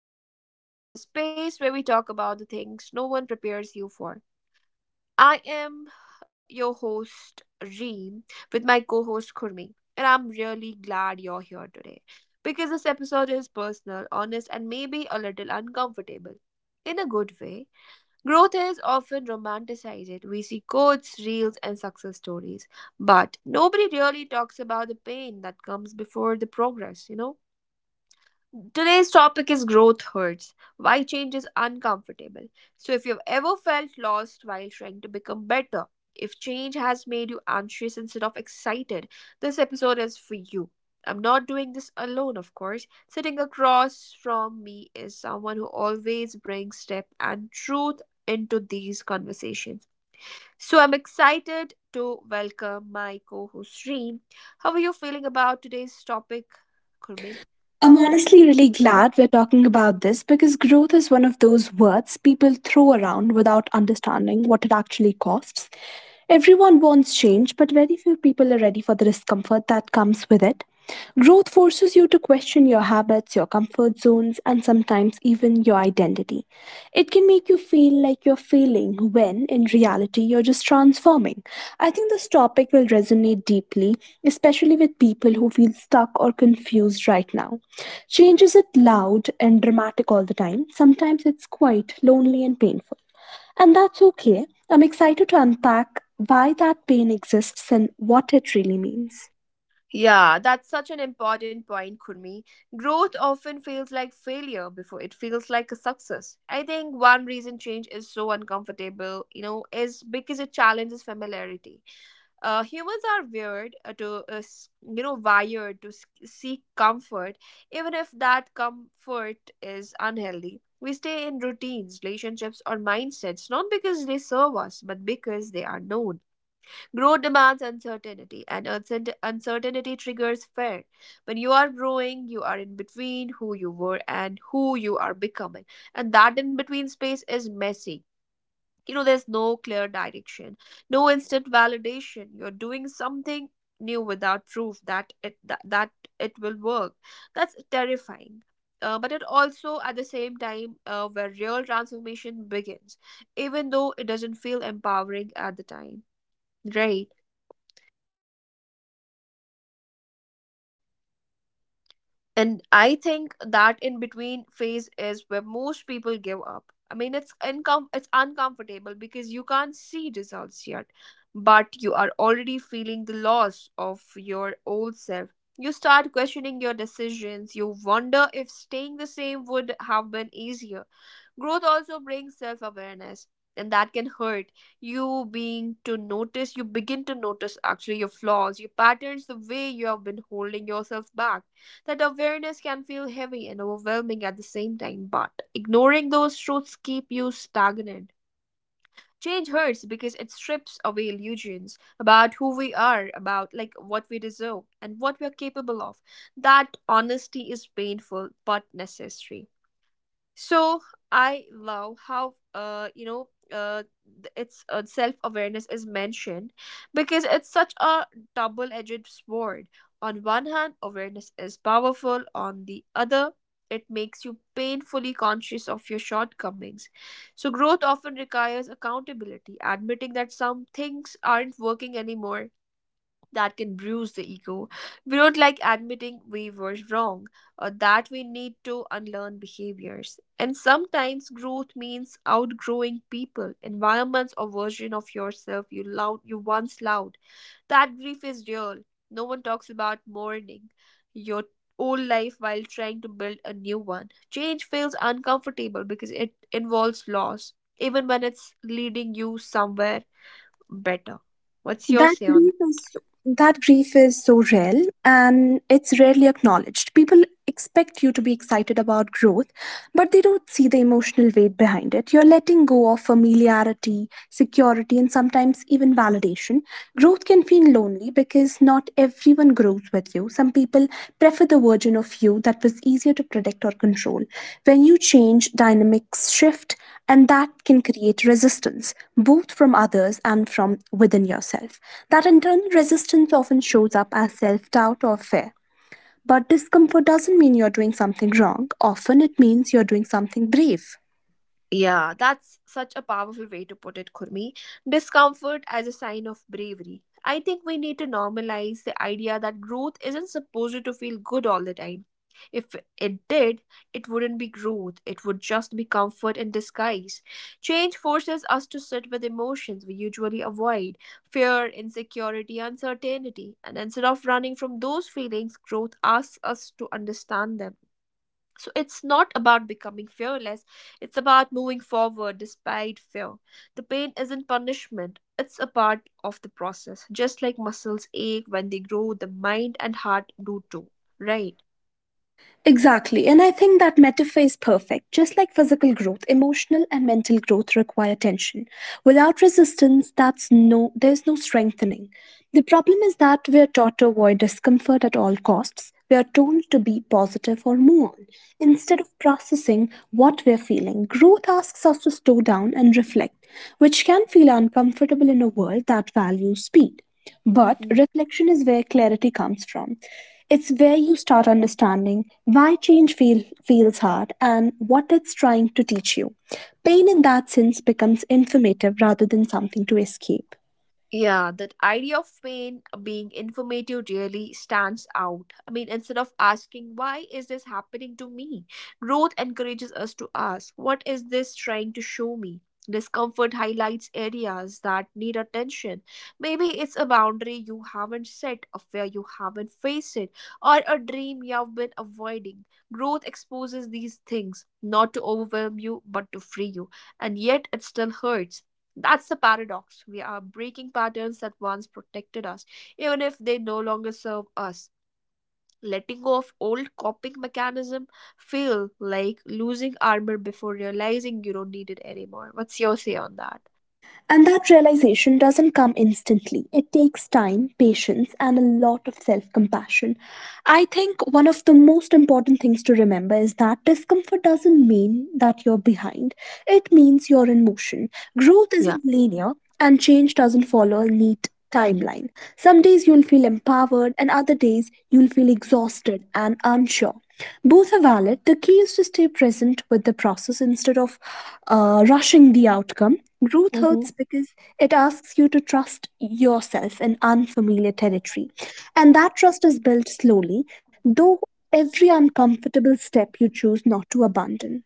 Unfiltered Growth, the space where we talk about the things no one prepares you for. I am your host, Reem, with my co host, Kurmi, and I'm really glad you're here today because this episode is personal, honest, and maybe a little uncomfortable. In a good way, growth is often romanticized. We see quotes, reels, and success stories, but nobody really talks about the pain that comes before the progress, you know? Today's topic is growth hurts, why change is uncomfortable. So, if you've ever felt lost while trying to become better, if change has made you anxious instead of excited, this episode is for you. I'm not doing this alone, of course. Sitting across from me is someone who always brings depth and truth into these conversations. So I'm excited to welcome my co-host Reem. How are you feeling about today's topic, Kurmi? I'm honestly really glad we're talking about this because growth is one of those words people throw around without understanding what it actually costs. Everyone wants change, but very few people are ready for the discomfort that comes with it. Growth forces you to question your habits, your comfort zones, and sometimes even your identity. It can make you feel like you're failing when, in reality, you're just transforming. I think this topic will resonate deeply, especially with people who feel stuck or confused right now. Change isn't loud and dramatic all the time. Sometimes it's quite lonely and painful. And that's okay. I'm excited to unpack why that pain exists and what it really means. Yeah, that's such an important point, Kurmi. Growth often feels like failure before it feels like a success. I think one reason change is so uncomfortable, you know, is because it challenges familiarity. Humans are weird to, s- you know, wired to seek comfort, even if that comfort is unhealthy. We stay in routines, relationships, or mindsets not because they serve us, but because they are known. Growth demands uncertainty, and uncertainty triggers fear. When you are growing, you are in between who you were and who you are becoming. And that in between space is messy. You know, there's no clear direction, no instant validation. You're doing something new without proof that it will work. That's terrifying. But it also at the same time where real transformation begins, even though it doesn't feel empowering at the time. Right. And I think that in between phase is where most people give up. I mean, it's uncomfortable because you can't see results yet, but you are already feeling the loss of your old self. You start questioning your decisions. You wonder if staying the same would have been easier. Growth also brings self awareness, and that can hurt. You you begin to notice actually your flaws, your patterns, the way you have been holding yourself back that awareness can feel heavy and overwhelming at the same time, but ignoring those truths keep you stagnant. Change hurts because it strips away illusions about who we are, about like what we deserve and what we are capable of. That honesty is painful but necessary. So I love how you know th- it's self awareness is mentioned because it's such a double edged sword. On one hand, awareness is powerful. On the other, it makes you painfully conscious of your shortcomings. So growth often requires accountability, admitting that some things aren't working anymore that can bruise the ego. We don't like admitting we were wrong or that we need to unlearn behaviors. And sometimes growth means outgrowing people, environments, or version of yourself you once loved. That grief is real. No one talks about mourning your old life while trying to build a new one. Change feels uncomfortable because it involves loss, even when it's leading you somewhere better. What's your that say on grief is that grief is so real, and it's rarely acknowledged. People expect you to be excited about growth, but they don't see the emotional weight behind it. You're letting go of familiarity, security, and sometimes even validation. Growth can feel lonely because not everyone one grows with you. Some people prefer the version of you that was easier to predict or control. When you change, dynamics shift, and that can create resistance, both from others and from within yourself. That internal resistance often shows up as self doubt or fear. But discomfort doesn't mean you're doing something wrong. Often, it means you're doing something brave. Yeah, that's such a powerful way to put it, Kurmi. Discomfort as a sign of bravery. I think we need to normalize the idea that growth isn't supposed to feel good all the time. If it did, it wouldn't be growth, it would just be comfort in disguise. Change forces us to sit with emotions we usually avoid fear, insecurity, uncertainty. And instead of running from those feelings, growth asks us to understand them. So it's not about becoming fearless, it's about moving forward despite fear. The pain isn't punishment, it's a part of the process. Just like muscles ache when they grow, the mind and heart do too, right? Exactly, and I think that metaphor is perfect. Just like physical growth, emotional and mental growth require tension. Without resistance, that's no there's no strengthening. The problem is that we are taught to avoid discomfort at all costs. We are told to be positive or move on instead of processing what we are feeling. Growth asks us to slow down and reflect, which can feel uncomfortable in a world that values speed. But Mm-hmm. reflection is where clarity comes from. It's where you start understanding why feels hard and what it's trying to teach you. Pain, in that sense, becomes informative rather than something to escape. Yeah, that idea of pain being informative really stands out. I mean, instead of asking, why is this happening to me? Growth encourages us to ask, what is this trying to show me? Discomfort highlights areas that need attention. Maybe it's a boundary you haven't set, a fear you haven't faced, or a dream you've been avoiding. Growth exposes these things, not to overwhelm you, but to free you. And yet it still hurts that's the paradox. We are breaking patterns that once protected us, even if they no longer serve us. Letting go of old coping mechanism feel like losing armor before realizing you don't need it anymore. What's your say on that? And that realization doesn't come instantly. It takes time, patience, and a lot of self compassion. I think one of the most important things to remember is that discomfort doesn't mean that you're behind, it means you're in motion. Growth Yeah. isn't linear, and change doesn't follow a neat timeline. Some days you'll feel empowered, and other days you'll feel exhausted and unsure. Both are valid. The key is to stay present with the process instead of rushing the outcome. Growth hurts because it asks you to trust yourself in unfamiliar territory. And that trust is built slowly, though every uncomfortable step you choose not to abandon.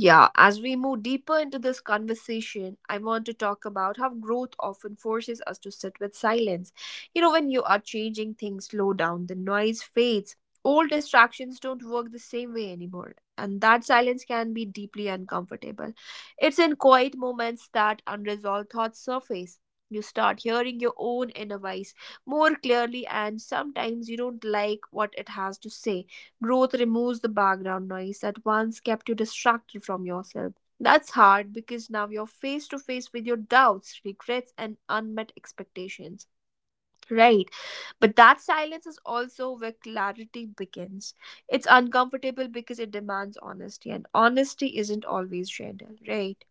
Yeah, as we move deeper into this conversation, I want to talk about how growth often forces us to sit with silence. You know, when you are changing things, slow down, the noise fades. Old distractions don't work the same way anymore, and that silence can be deeply uncomfortable. It's in quiet moments that unresolved thoughts surface. You start hearing your own inner voice more clearly, and sometimes you don't like what it has to say Growth removes the background noise that once kept you distracted from yourself. That's hard because now you're face to face with your doubts, regrets, and unmet expectations. Right, but that silence is also where clarity begins. It's uncomfortable because it demands honesty, and honesty isn't always gentle, right?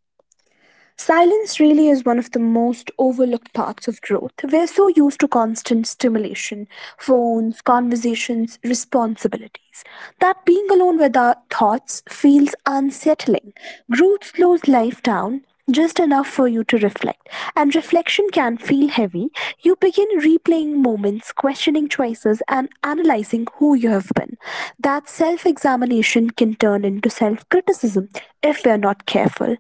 Silence really is one of the most overlooked parts of growth. We're so used to constant stimulation, phones, conversations, responsibilities, that being alone with our thoughts feels unsettling. Growth slows life down just enough for you to reflect, and reflection can feel heavy. You begin replaying moments, questioning choices, and analyzing who you have been. That self examination can turn into self criticism if we are not careful.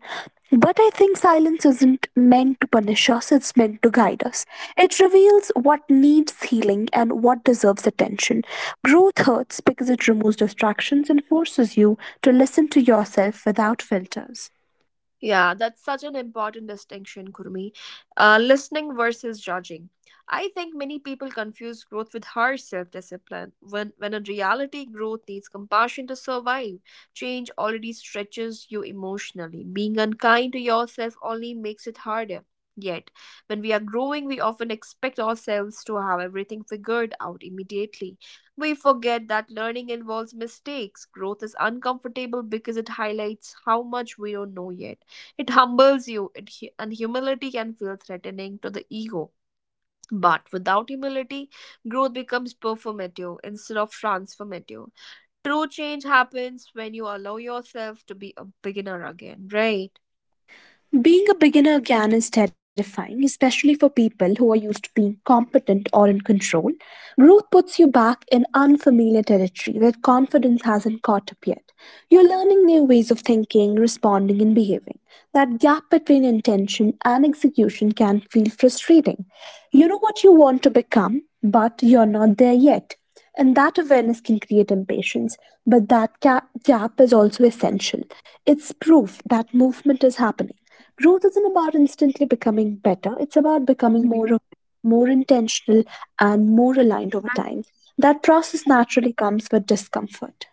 But I think silence isn't meant to punish us, it's meant to guide us. It reveals what needs healing and what deserves attention. Growth hurts because it removes distractions and forces you to listen to yourself without filters. Yeah, that's such an important distinction, Kurmi. Listening versus judging. I think many people confuse growth with harsh self discipline, when in reality, growth needs compassion to survive. Change already stretches you emotionally. Being unkind to yourself only makes it harder. Yet, when we are growing, we often expect ourselves to have everything figured out immediately. We forget that learning involves mistakes. Growth is uncomfortable because it highlights how much we don't know yet. It humbles you, and humility can feel threatening to the ego. But without humility, growth becomes performative instead of transformative. True change happens when you allow yourself to be a beginner again, right? Being a beginner again is terrifying, especially for people who are used to being competent or in control. Growth puts you back in unfamiliar territory where confidence hasn't caught up yet. You're learning new ways of thinking, responding, and behaving. That gap between intention and execution can feel frustrating. You know what you want to become, but you're not there yet. And that awareness can create impatience, but that gap is also essential. It's proof that movement is happening. Growth isn't about instantly becoming better, it's about becoming more intentional and more aligned over time. That process naturally comes with discomfort.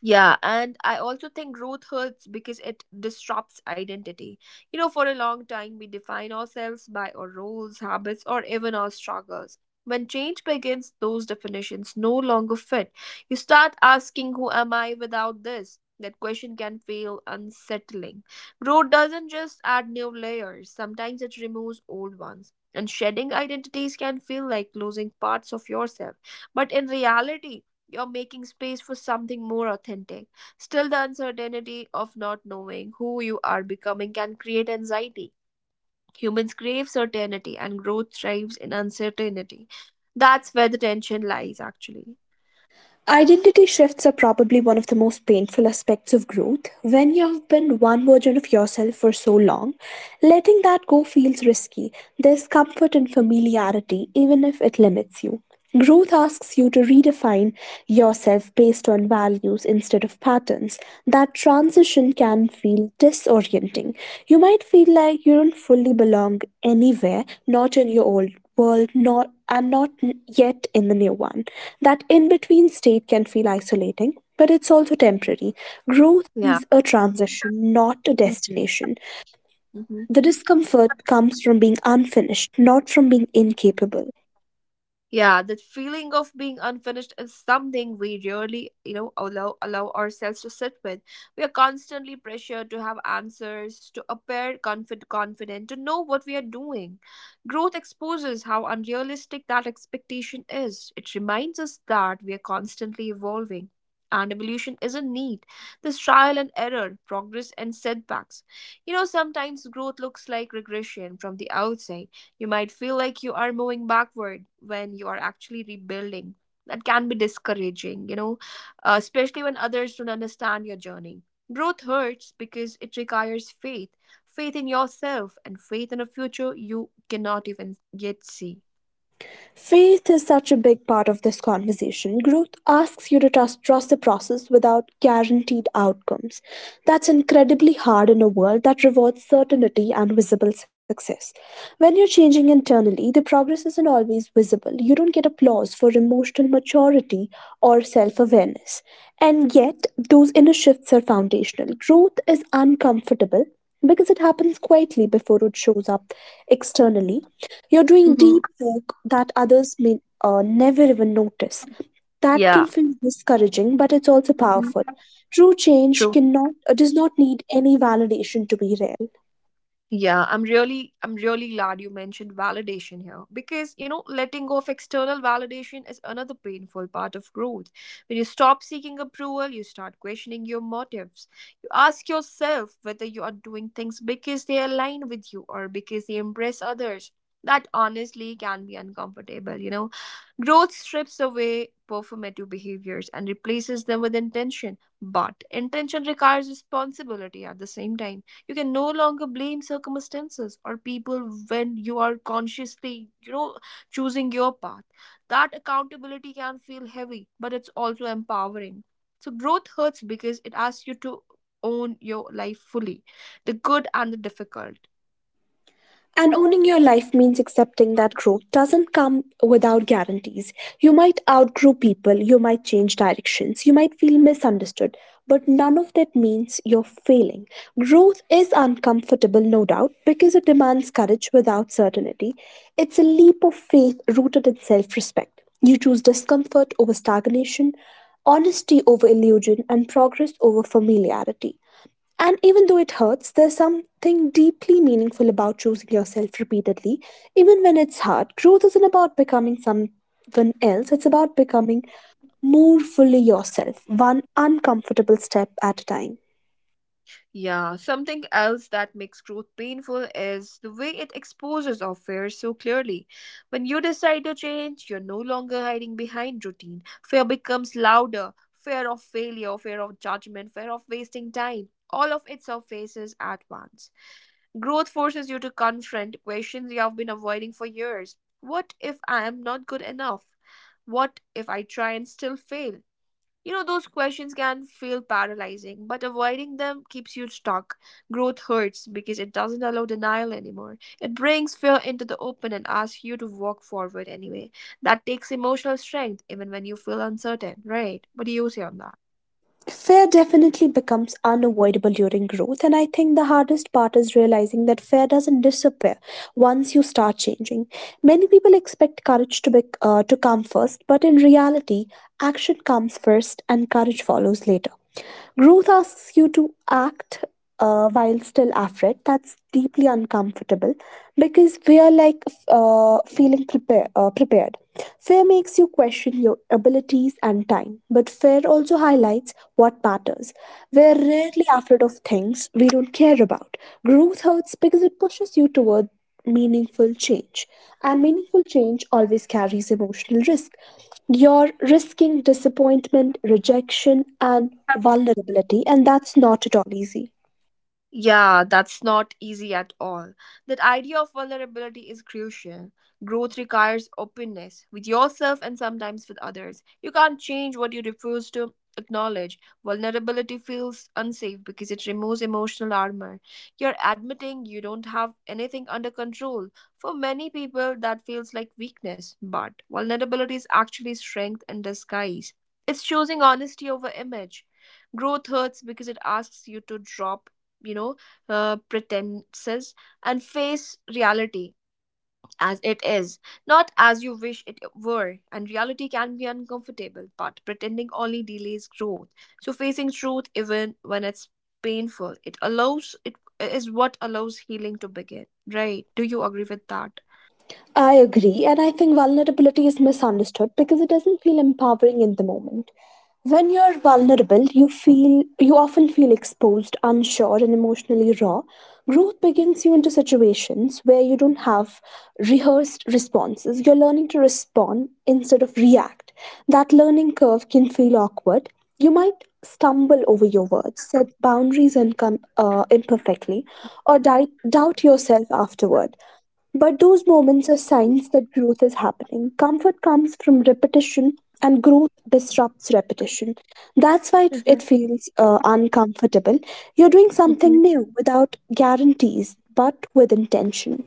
Yeah, and I also think growth hurts because it disrupts identity. You know, for a long time, we define ourselves by our roles, habits, or even our struggles. When change begins, those definitions no longer fit. You start asking, who am I without this? That question can feel unsettling. Growth doesn't just add new layers, sometimes it removes old ones. And shedding identities can feel like losing parts of yourself. But in reality, you're making space for something more authentic. Still, the uncertainty of not knowing who you are becoming can create anxiety. Humans crave certainty, and growth thrives in uncertainty. That's where the tension lies, actually. Identity shifts are probably one of the most painful aspects of growth. When you have been one version of yourself for so long, letting that go feels risky. There's comfort in familiarity, even if it limits you. Growth asks you to redefine yourself based on values instead of patterns. That transition can feel disorienting. You might feel like you don't fully belong anywhere, not in your old world not and not yet in the new one. That in between state can feel isolating, but it's also temporary. Growth Yeah. is a transition, not a destination. Mhm. The discomfort comes from being unfinished, not from being incapable. Yeah, that feeling of being unfinished is something we rarely, you know, allow ourselves to sit with. We are constantly pressured to have answers, to appear confident, to know what we are doing. Growth exposes how unrealistic that expectation is. It reminds us that we are constantly evolving. And evolution isn't neat. There's trial and error, progress and setbacks. You know, sometimes growth looks like regression from the outside you might feel like you are moving backward when you are actually rebuilding. That can be discouraging, you know, especially when others don't understand your journey. Growth hurts because it requires faith faith in yourself and faith in a future you cannot even yet see. Faith is such a big part of this conversation. Growth asks you to trust the process without guaranteed outcomes. That's incredibly hard in a world that rewards certainty and visible success. When you're changing internally, the progress isn't always visible. You don't get applause for emotional maturity or self awareness. And yet, those inner shifts are foundational. Growth is uncomfortable because it happens quietly before it shows up externally. You're doing Mhm. deep work that others may never even notice. That can Yeah. feel discouraging, but it's also powerful. Mhm. True change cannot does not need any validation to be real. Yeah, I'm really glad you mentioned validation here because you know letting go of external validation is another painful part of growth. When you stop seeking approval, you start questioning your motives. You ask yourself whether you are doing things because they align with you or because they impress others. That honestly can be uncomfortable, you know. Growth strips away performative behaviors and replaces them with intention, but intention requires responsibility at the same time you can no longer blame circumstances or people when you are consciously, choosing your path. That accountability can feel heavy, but it's also empowering. So growth hurts because it asks you to own your life fully, the good and the difficult. And owning your life means accepting that growth doesn't come without guarantees. You might outgrow people, you might change directions, you might feel misunderstood, but none of that means you're failing. Growth is uncomfortable, no doubt, because it demands courage without certainty. It's a leap of faith rooted in self respect. You choose discomfort over stagnation, honesty over illusion, and progress over familiarity. And even though it hurts, there's something deeply meaningful about choosing yourself repeatedly, even when it's hard. Growth isn't about becoming someone else, it's about becoming more fully yourself, one uncomfortable step at a time. Yeah, something else that makes growth painful is the way it exposes our fears so clearly. When you decide to change, you're no longer hiding behind routine. Fear becomes louder fear of failure, fear of judgment, fear of wasting time. All of it surfaces at once. Growth forces you to confront questions you have been avoiding for years. What if I am not good enough? What if I try and still fail? You know, those questions can feel paralyzing, but avoiding them keeps you stuck. Growth hurts because it doesn't allow denial anymore. It brings fear into the open and asks you to walk forward anyway. That takes emotional strength even when you feel uncertain, right? What do you say on that? Fear definitely becomes unavoidable during growth, and I think the hardest part is realizing that fear doesn't disappear once you start changing. Many people expect courage to come first, but in reality, action comes first and courage follows later. Growth asks you to act while still afraid. That's deeply uncomfortable because we are like prepared. Fear makes you question your abilities and time, but fear also highlights what matters. We're rarely afraid of things we don't care about. Growth hurts because it pushes you toward meaningful change, and meaningful change always carries emotional risk. You're risking disappointment, rejection, and vulnerability, and that's not at all easy. Yeah, that's not easy at all. That idea of vulnerability is crucial. Growth requires openness with yourself and sometimes with others. You can't change what you refuse to acknowledge. Vulnerability feels unsafe because it removes emotional armor. You're admitting you don't have anything under control. For many people, that feels like weakness, but vulnerability is actually strength in disguise. It's choosing honesty over image. Growth hurts because it asks you to drop you know, pretenses and face reality as it is, not as you wish it were. And reality can be uncomfortable, but pretending only delays growth. So facing truth, even when it's painful, it is what allows healing to begin. Right? Do you agree with that? I agree, and I think vulnerability is misunderstood because it doesn't feel empowering in the moment. When you're vulnerable, you often feel exposed, unsure, and emotionally raw. Growth begins you into situations where you don't have rehearsed responses. You're learning to respond instead of react. That learning curve can feel awkward. You might stumble over your words, set boundaries and imperfectly, or doubt yourself afterward, but those moments are signs that growth is happening. Comfort comes from repetition, and growth disrupts repetition. That's why it, Hmm. it feels uncomfortable. You're doing Hmm. something new without guarantees, but with intention.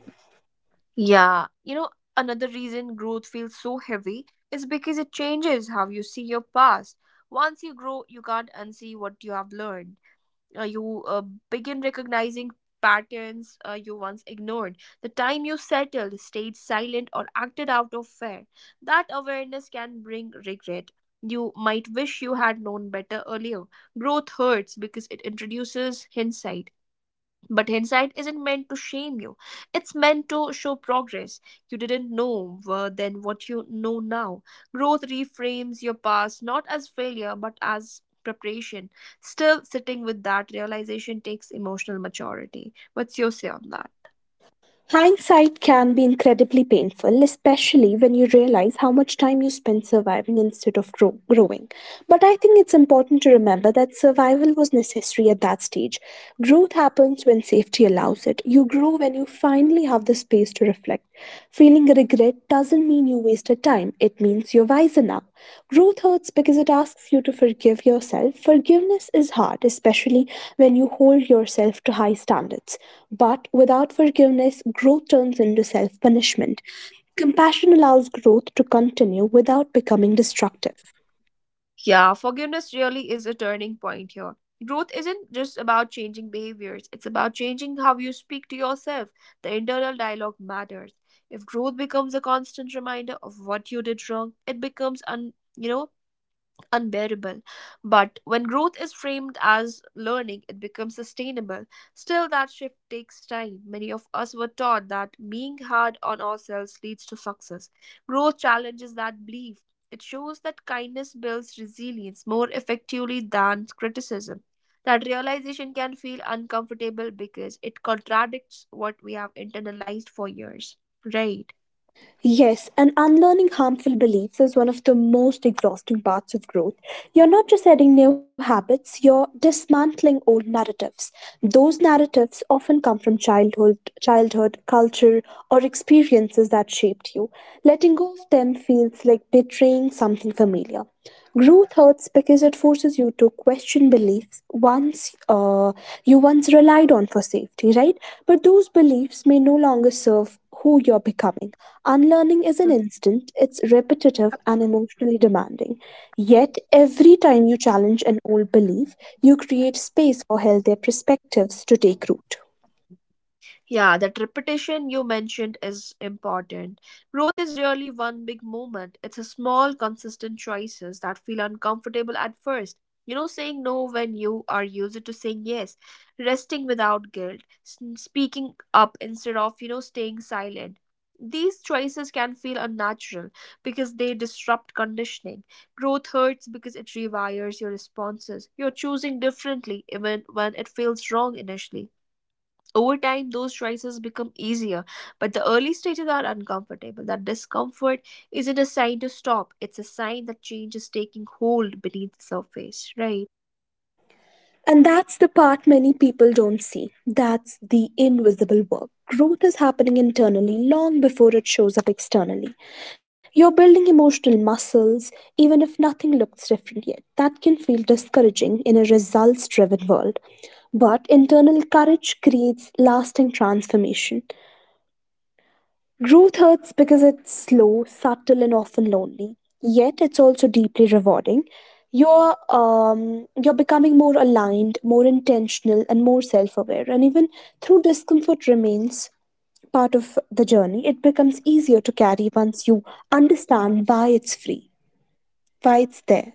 Yeah. You know, another reason growth feels so heavy is because it changes how you see your past. Once you grow, you can't unsee what you have learned. You begin recognizing patterns you once ignored. The time you settled, stayed silent, or acted out of fear. That awareness can bring regret. You might wish you had known better earlier. Growth hurts because it introduces hindsight. But hindsight isn't meant to shame you. It's meant to show progress. You didn't know then what you know now. Growth reframes your past not as failure but as preparation. Still, sitting with that realization takes emotional maturity. What's your say on that? Hindsight can be incredibly painful, especially when you realize how much time you spent surviving instead of growing. But I think it's important to remember that survival was necessary at that stage. Growth happens when safety allows it. You grow when you finally have the space to reflect. Feeling regret doesn't mean you wasted time, it means you're wiser now. Growth hurts because it asks you to forgive yourself. Forgiveness is hard, especially when you hold yourself to high standards. But without forgiveness, growth turns into self punishment. Compassion allows growth to continue without becoming destructive. Yeah, forgiveness really is a turning point here. Growth isn't just about changing behaviors, it's about changing how you speak to yourself. The internal dialogue matters. If growth becomes a constant reminder of what you did wrong, it becomes un, you know unbearable. But when growth is framed as learning, it becomes sustainable. Still, that shift takes time. Many of us were taught that being hard on ourselves leads to success. Growth challenges that belief. It shows that kindness builds resilience more effectively than criticism. That realization can feel uncomfortable because it contradicts what we have internalized for years. Right. Yes, and unlearning harmful beliefs is one of the most exhausting parts of growth. You're not just adding new habits, you're dismantling old narratives. Those narratives often come from childhood, culture, or experiences that shaped you. Letting go of them feels like betraying something familiar. Growth hurts because it forces you to question beliefs once you once relied on for safety, right? But those beliefs may no longer serve who you're becoming. Unlearning is an instant, it's repetitive and emotionally demanding. Yet, every time you challenge an old belief, you create space for healthier perspectives to take root. Yeah, that repetition you mentioned is important. Growth is really one big moment. It's a small, consistent choices that feel uncomfortable at first. You know, saying no when you are used to saying yes, resting without guilt, speaking up instead of, staying silent. These choices can feel unnatural because they disrupt conditioning. Growth hurts because it rewires your responses. You're choosing differently even when it feels wrong initially. Over time, those choices become easier, but the early stages are uncomfortable. That discomfort isn't a sign to stop, it's a sign that change is taking hold beneath the surface, right? And that's the part many people don't see. That's the invisible work. Growth is happening internally long before it shows up externally. You're building emotional muscles, even if nothing looks different yet. That can feel discouraging in a results driven world. But internal courage creates lasting transformation. Growth hurts because it's slow, subtle, and often lonely. Yet it's also deeply rewarding. You're becoming more aligned, more intentional, and more self-aware. And even through discomfort remains part of the journey, it becomes easier to carry once you understand why it's there.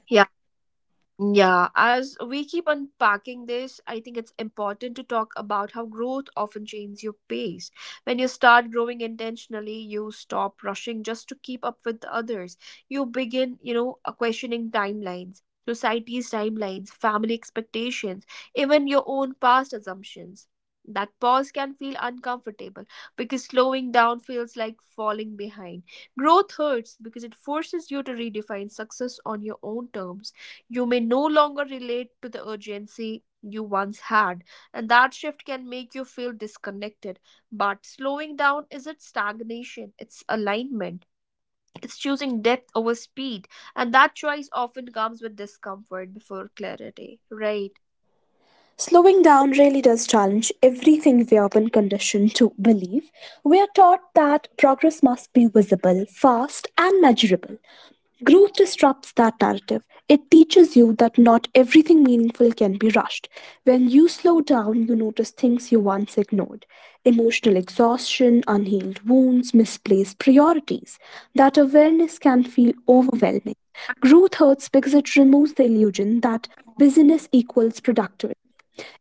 Yeah, as we keep unpacking this, I think it's important to talk about how growth often changes your pace. When you start growing intentionally, you stop rushing just to keep up with others. You begin, questioning timelines, society's timelines, family expectations, even your own past assumptions. That pause can feel uncomfortable because slowing down feels like falling behind. Growth hurts because it forces you to redefine success on your own terms. You may no longer relate to the urgency you once had, and that shift can make you feel disconnected. But slowing down isn't stagnation, it's alignment. It's choosing depth over speed, and that choice often comes with discomfort before clarity, right? Slowing down really does challenge everything we have been conditioned to believe. We are taught that progress must be visible, fast, and measurable. Growth disrupts that narrative. It teaches you that not everything meaningful can be rushed. When you slow down, you notice things you once ignored: emotional exhaustion, unhealed wounds, misplaced priorities. That awareness can feel overwhelming. Growth hurts because it removes the illusion that busyness equals productivity.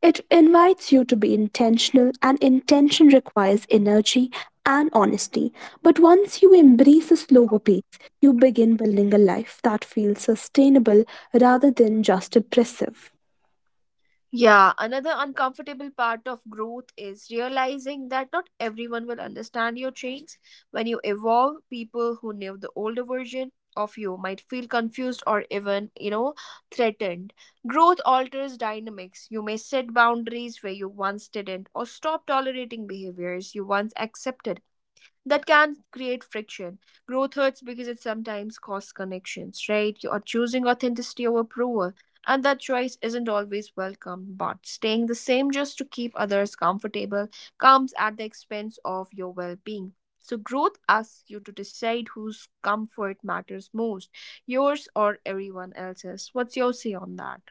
It invites you to be intentional, and intention requires energy and honesty. But once you embrace a slower pace, you begin building a life that feels sustainable rather than just oppressive. Yeah, another uncomfortable part of growth is realizing that not everyone will understand your change. When you evolve, people who knew the older version of you might feel confused or even, threatened. Growth alters dynamics. You may set boundaries where you once didn't, or stop tolerating behaviors you once accepted. That can create friction. Growth hurts because it sometimes costs connections, right? You are choosing authenticity over approval, and that choice isn't always welcome. But staying the same just to keep others comfortable comes at the expense of your well being. So growth asks you to decide whose comfort matters most, yours or everyone else's. What's your say on that?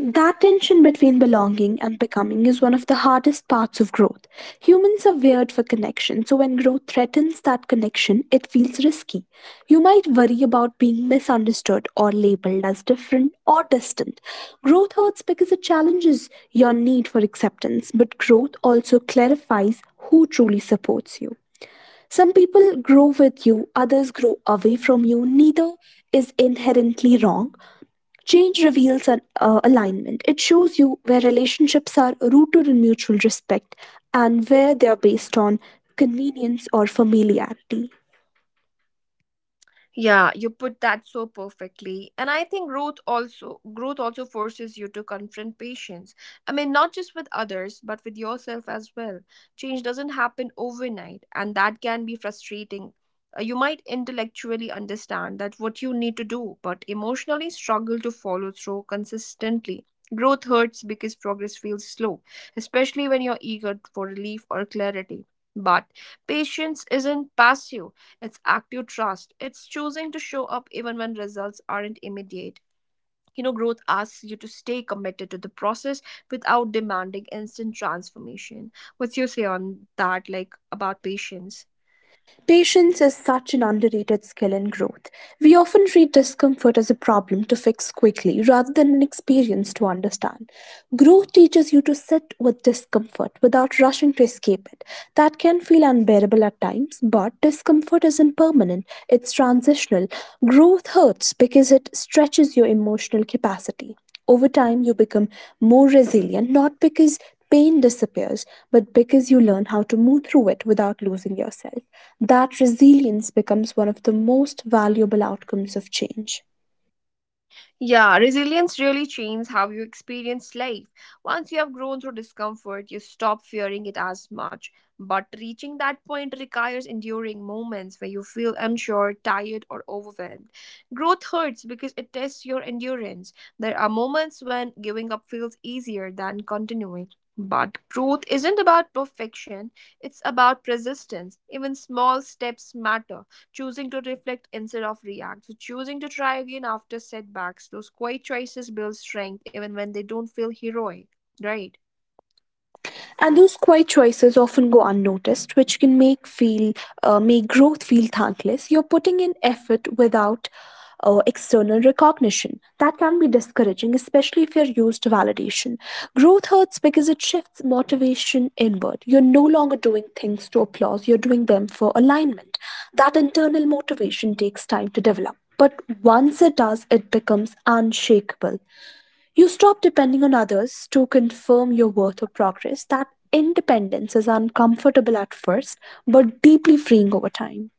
That tension between belonging and becoming is one of the hardest parts of growth. Humans are wired for connection, so when growth threatens that connection, it feels risky. You might worry about being misunderstood or labeled as different or distant. Growth hurts because it challenges your need for acceptance, but growth also clarifies who truly supports you. Some people grow with you, others grow away from you. Neither is inherently wrong. Change reveals an alignment. It shows you where relationships are rooted in mutual respect and where they are based on convenience or familiarity. Yeah, you put that so perfectly. And I think growth also forces you to confront patience. I mean, not just with others, but with yourself as well. Change doesn't happen overnight, and that can be frustrating. You might intellectually understand that what you need to do, but emotionally struggle to follow through consistently. Growth hurts because progress feels slow, especially when you're eager for relief or clarity. But patience isn't passive, it's active trust. It's choosing to show up even when results aren't immediate. You know, growth asks you to stay committed to the process without demanding instant transformation. What's your say on that, like about patience? Patience is such an underrated skill in growth. We often treat discomfort as a problem to fix quickly rather than an experience to understand. Growth teaches you to sit with discomfort without rushing to escape it. That can feel unbearable at times, but discomfort isn't permanent, it's transitional. Growth hurts because it stretches your emotional capacity. Over time, you become more resilient, not because pain disappears, but because you learn how to move through it without losing yourself. That resilience becomes one of the most valuable outcomes of change. Yeah, resilience really changes how you experience life. Once you have grown through discomfort, you stop fearing it as much. But reaching that point requires enduring moments where you feel unsure, tired, or overwhelmed. Growth hurts because it tests your endurance. There are moments when giving up feels easier than continuing. But growth isn't about perfection, it's about persistence. Even small steps matter, choosing to reflect instead of react, so choosing to try again after setbacks. Those quiet choices build strength even when they don't feel heroic, right? And those quiet choices often go unnoticed, which can make growth feel thankless. You're putting in effort without external recognition. That can be discouraging, especially if you're used to validation. Growth hurts because it shifts motivation inward. You're no longer doing things to applause, you're doing them for alignment. That internal motivation takes time to develop, but once it does, it becomes unshakable. You stop depending on others to confirm your worth or progress. That independence is uncomfortable at first, but deeply freeing over time.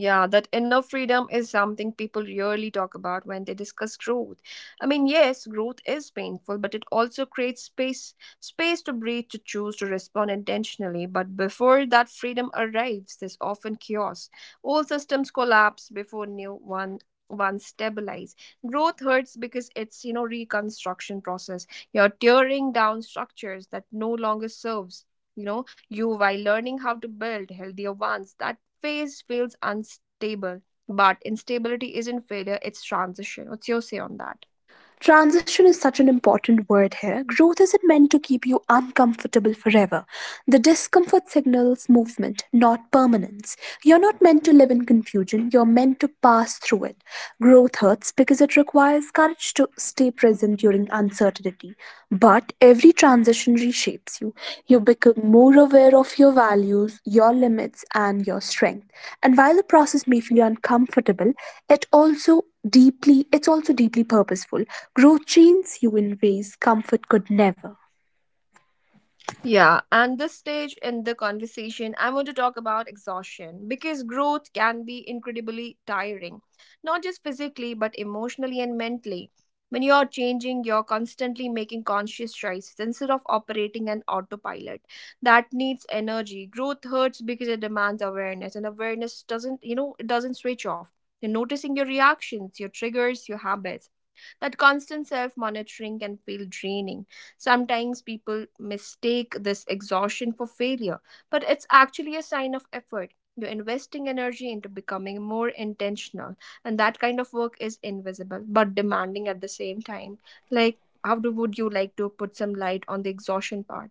Yeah, that inner freedom is something people rarely talk about when they discuss growth. I mean, yes, growth is painful, but it also creates space, space to breathe, to choose, to respond intentionally. But before that freedom arrives, there's often chaos. Old systems collapse before new one one stabilize. Growth hurts because it's, you know, reconstruction process. You're tearing down structures that no longer serves you while learning how to build healthier ones. That phase feels unstable, but instability isn't failure, it's transition. What's your say on that? Transition is such an important word here. Growth isn't meant to keep you uncomfortable forever. The discomfort signals movement, not permanence. You're not meant to live in confusion, you're meant to pass through it. Growth hurts because it requires courage to stay present during uncertainty. But every transition reshapes you. You become more aware of your values, your limits, and your strength. And while the process may feel uncomfortable, it also it's also deeply purposeful. Growth trains you in ways comfort could never. Yeah, and this stage in the conversation, I want to talk about exhaustion because growth can be incredibly tiring, not just physically, but emotionally and mentally. When you're changing, you're constantly making conscious choices instead of operating an autopilot. That needs energy. Growth hurts because it demands awareness, and awareness doesn't, it doesn't switch off. You're noticing your reactions, your triggers, your habits. That constant self monitoring can feel draining. Sometimes people mistake this exhaustion for failure, but it's actually a sign of effort. You're investing energy into becoming more intentional, and that kind of work is invisible but demanding at the same time. Like, would you like to put some light on the exhaustion part?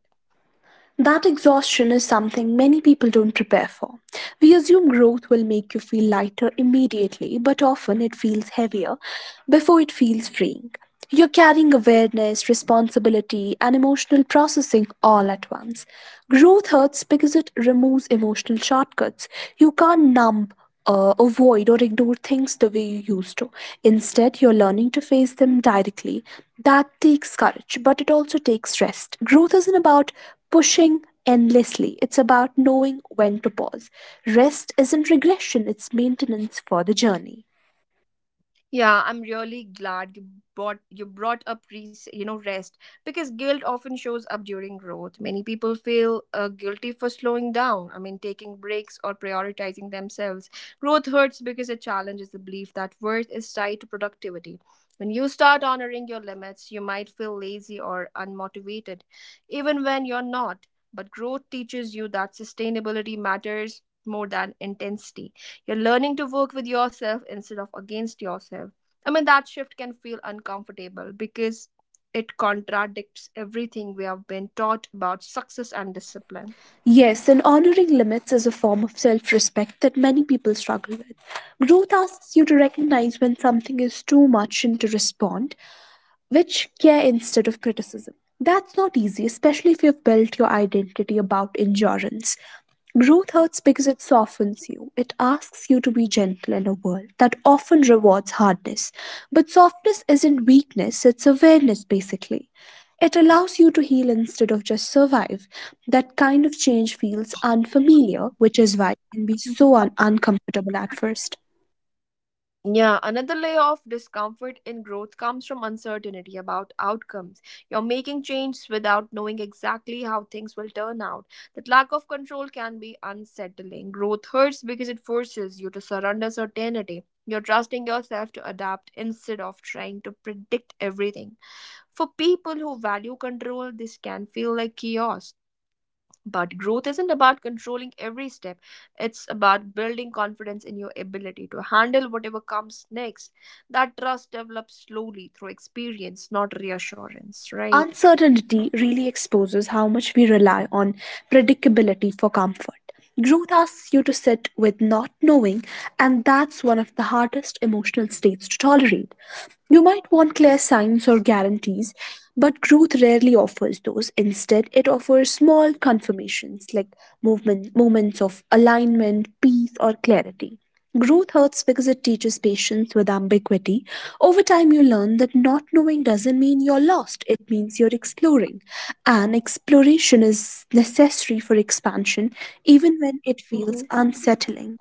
That exhaustion is something many people don't prepare for. We assume growth will make you feel lighter immediately, but often it feels heavier before it feels freeing. You're carrying awareness, responsibility, and emotional processing all at once. Growth hurts because it removes emotional shortcuts. You can't numb, avoid, or ignore things the way you used to. Instead, you're learning to face them directly. That takes courage, but it also takes rest. Growth isn't about pushing endlessly, it's about knowing when to pause. Rest isn't regression, it's maintenance for the journey. Yeah, I'm really glad you brought up rest, because guilt often shows up during growth. Many people feel guilty for slowing down. I mean, taking breaks or prioritizing themselves. Growth hurts because it challenges the belief that worth is tied to productivity. When you start honoring your limits, you might feel lazy or unmotivated, even when you're not. But growth teaches you that sustainability matters more than intensity. You're learning to work with yourself instead of against yourself. I mean, that shift can feel uncomfortable because it contradicts everything we have been taught about success and discipline. Yes, and honoring limits is a form of self respect that many people struggle with. Growth asks you to recognize when something is too much and to respond, which care instead of criticism. That's not easy, especially if you've built your identity about endurance. Growth hurts because it softens you. It asks you to be gentle in a world that often rewards hardness. But softness isn't weakness, it's awareness, basically. It allows you to heal instead of just survive. That kind of change feels unfamiliar, which is why it can be so uncomfortable at first. Yeah, another layer of discomfort in growth comes from uncertainty about outcomes. You're making changes without knowing exactly how things will turn out. That lack of control can be unsettling. Growth hurts because it forces you to surrender certainty. You're trusting yourself to adapt instead of trying to predict everything. For people who value control, this can feel like chaos. But growth isn't about controlling every step. It's about building confidence in your ability to handle whatever comes next. That trust develops slowly through experience, not reassurance, right? Uncertainty really exposes how much we rely on predictability for comfort. Growth asks you to sit with not knowing, and that's one of the hardest emotional states to tolerate. You might want clear signs or guarantees, but growth rarely offers those. Instead, it offers small confirmations like movement, moments of alignment, peace, or clarity. Growth hurts because it teaches patience with ambiguity. Over time, you learn that not knowing doesn't mean you're lost, it means you're exploring. And exploration is necessary for expansion, even when it Mm-hmm. feels unsettling.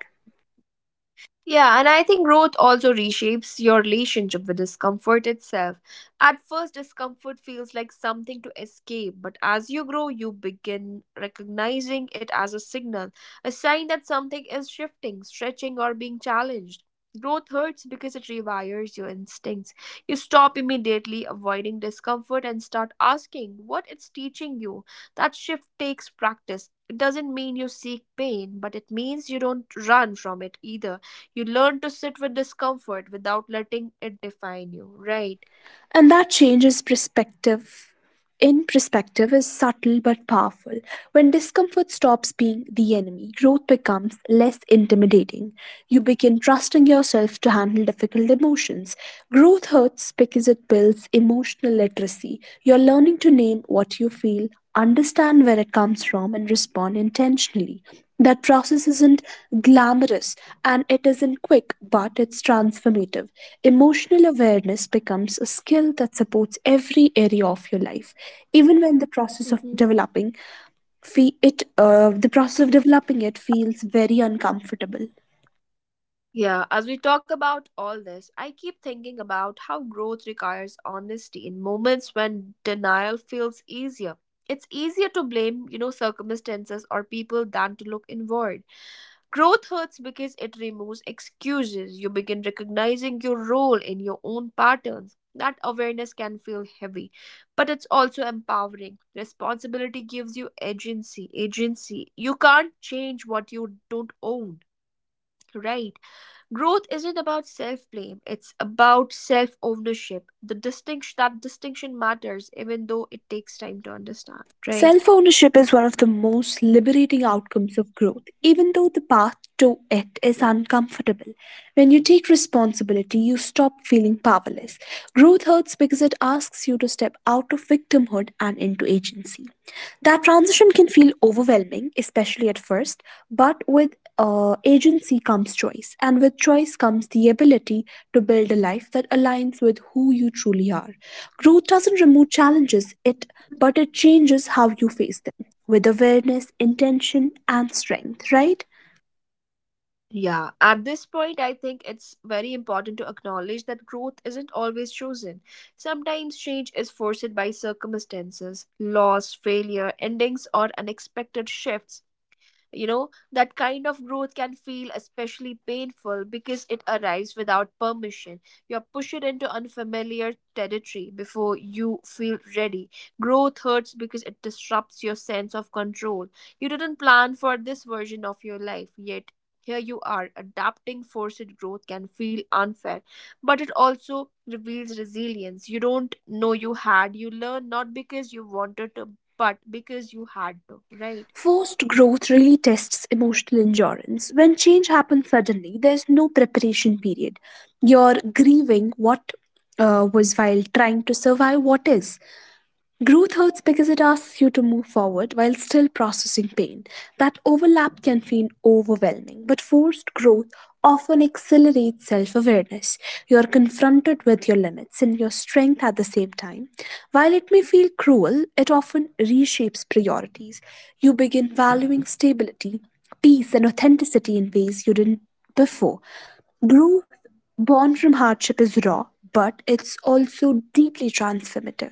Yeah, and I think growth also reshapes your relationship with discomfort itself. At first, discomfort feels like something to escape, but as you grow, you begin recognizing it as a signal, a sign that something is shifting, stretching, or being challenged. Growth hurts because it rewires your instincts. You stop immediately avoiding discomfort and start asking what it's teaching you. That shift takes practice. It doesn't mean you seek pain, but it means you don't run from it either. You learn to sit with discomfort without letting it define you, right? And that changes perspective. In perspective Is subtle but powerful. When discomfort stops being the enemy, growth becomes less intimidating. You begin trusting yourself to handle difficult emotions. Growth hurts because it builds emotional literacy. You're learning to name what you feel, understand where it comes from, and respond intentionally. That process isn't glamorous, and it isn't quick, but it's transformative. Emotional awareness becomes a skill that supports every area of your life. Even when the process of the process of developing it feels very uncomfortable. Yeah, as we talk about all this, I keep thinking about how growth requires honesty in moments when denial feels easier. It's easier to blame, you know, circumstances or people than to look inward. Growth hurts because it removes excuses. You begin recognizing your role in your own patterns. That awareness can feel heavy, but it's also empowering. Responsibility gives you agency. Agency. You can't change what you don't own, right? Growth isn't about self blame, it's about self ownership. The distinction That distinction matters even though it takes time to understand, right? Self ownership is one of the most liberating outcomes of growth, even though the path to it is uncomfortable. When you take responsibility, you stop feeling powerless. Growth hurts because it asks you to step out of victimhood and into agency. That transition can feel overwhelming, especially at first, but with agency comes choice, and with choice comes the ability to build a life that aligns with who you truly are. Growth doesn't remove challenges, it but it changes how you face them with awareness, intention, and strength, right? Yeah, at this point, I think it's very important to acknowledge that growth isn't always chosen. Sometimes change is forced by circumstances, loss, failure, endings, or unexpected shifts. You know, that kind of growth can feel especially painful because it arrives without permission. You're pushed into unfamiliar territory before you feel ready. Growth hurts because it disrupts your sense of control. You didn't plan for this version of your life, yet here you are. Adapting forced growth can feel unfair, but it also reveals resilience. You don't know you had, you learn not because you wanted to, but because you had to, right? Forced growth really tests emotional endurance. When change happens suddenly, there's no preparation period. You're grieving what was while trying to survive what is. Growth hurts because it asks you to move forward while still processing pain. That overlap can feel overwhelming, but forced growth often accelerates self awareness. You are confronted with your limits and your strength at the same time. While it may feel cruel, it often reshapes priorities. You begin valuing stability, peace, and authenticity in ways you didn't before. Growth born from hardship is raw, but it's also deeply transformative.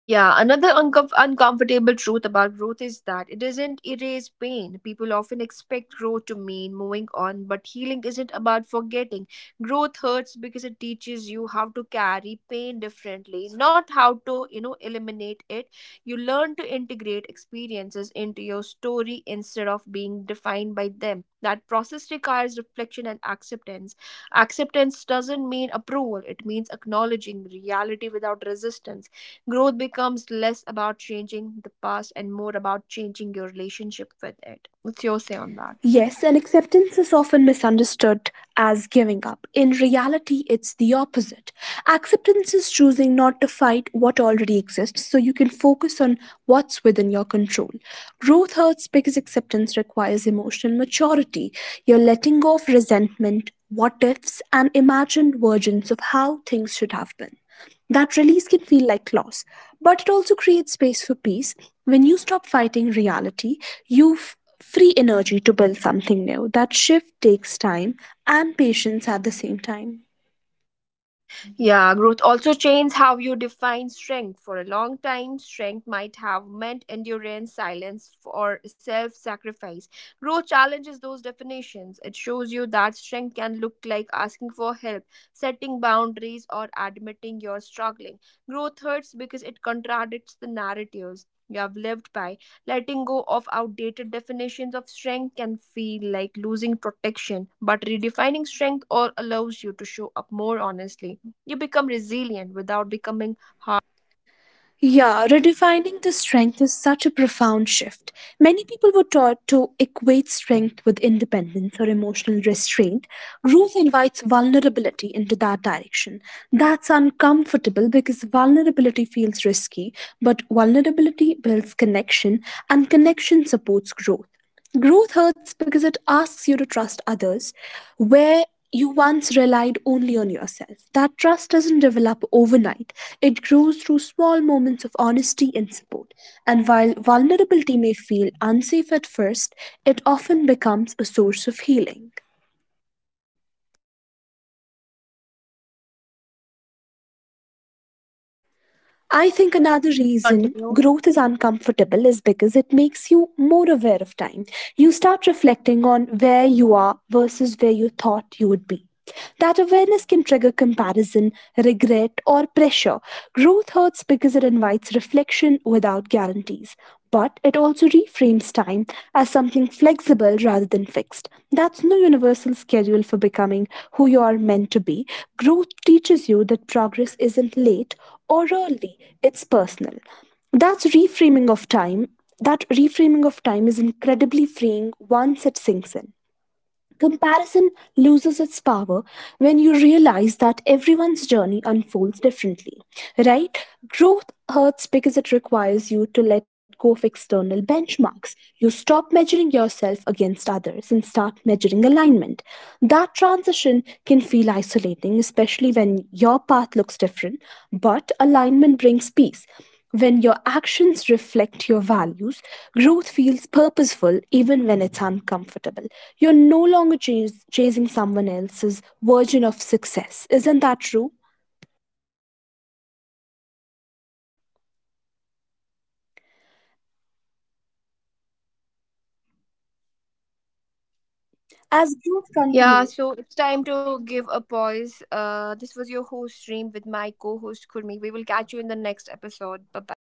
Yeah, another uncom uncomfortable truth about growth is that it doesn't erase pain. People often expect growth to mean moving on, but healing isn't about forgetting. Growth hurts because it teaches you how to carry pain differently, not how to, eliminate it. You learn to integrate experiences into your story instead of being defined by them. That process requires reflection and acceptance. Acceptance doesn't mean approval, it means acknowledging reality without resistance. Growth becomes less about changing the past and more about changing your relationship with it. What's your say on that? Yes, and acceptance is often misunderstood as giving up. In reality, it's the opposite. Acceptance is choosing not to fight what already exists so you can focus on what's within your control. Growth hurts because acceptance requires emotional maturity. You're letting go of resentment, what ifs, and imagined versions of how things should have been. That release can feel like loss, but it also creates space for peace. When you stop fighting reality, you free energy to build something new. That shift takes time and patience at the same time. Yeah, growth also changes how you define strength. For a long time, strength might have meant endurance, silence, or self sacrifice. Growth challenges those definitions. It shows you that strength can look like asking for help, setting boundaries, or admitting you're struggling. Growth hurts because it contradicts the narratives you have lived by. Letting go of outdated definitions of strength can feel like losing protection, but redefining strength allows you to show up more honestly. You become resilient without becoming hardened. Yeah, redefining the strength is such a profound shift. Many people were taught to equate strength with independence or emotional restraint. Growth invites vulnerability into that direction. That's uncomfortable because vulnerability feels risky, but vulnerability builds connection, and connection supports growth. Growth hurts because it asks you to trust others where you once relied only on yourself. That trust doesn't develop overnight, it grows through small moments of honesty and support. And while vulnerability may feel unsafe at first, it often becomes a source of healing. I think another Please reason continue. growth is uncomfortable is because it makes you more aware of time. You start reflecting on where you are versus where you thought you would be. That awareness can trigger comparison, regret, or pressure. Growth hurts because it invites reflection without guarantees. But it also reframes time as something flexible rather than fixed. That's no universal schedule for becoming who you are meant to be. Growth teaches you that progress isn't late or early, it's personal. That's reframing of time. That reframing of time is incredibly freeing once it sinks in. Comparison loses its power when you realize that everyone's journey unfolds differently, right? Growth hurts because it requires you to let go of external benchmarks. You stop measuring yourself against others and start measuring alignment. That transition can feel isolating, especially when your path looks different, but alignment brings peace. When your actions reflect your values, growth feels purposeful even when it's uncomfortable. You're no longer chasing someone else's version of success. Isn't that true? As growth Yeah, continues, so it's time to give a pause. This was your host, Stream, with my co host, Kurmi. We will catch you in the next episode. Bye bye.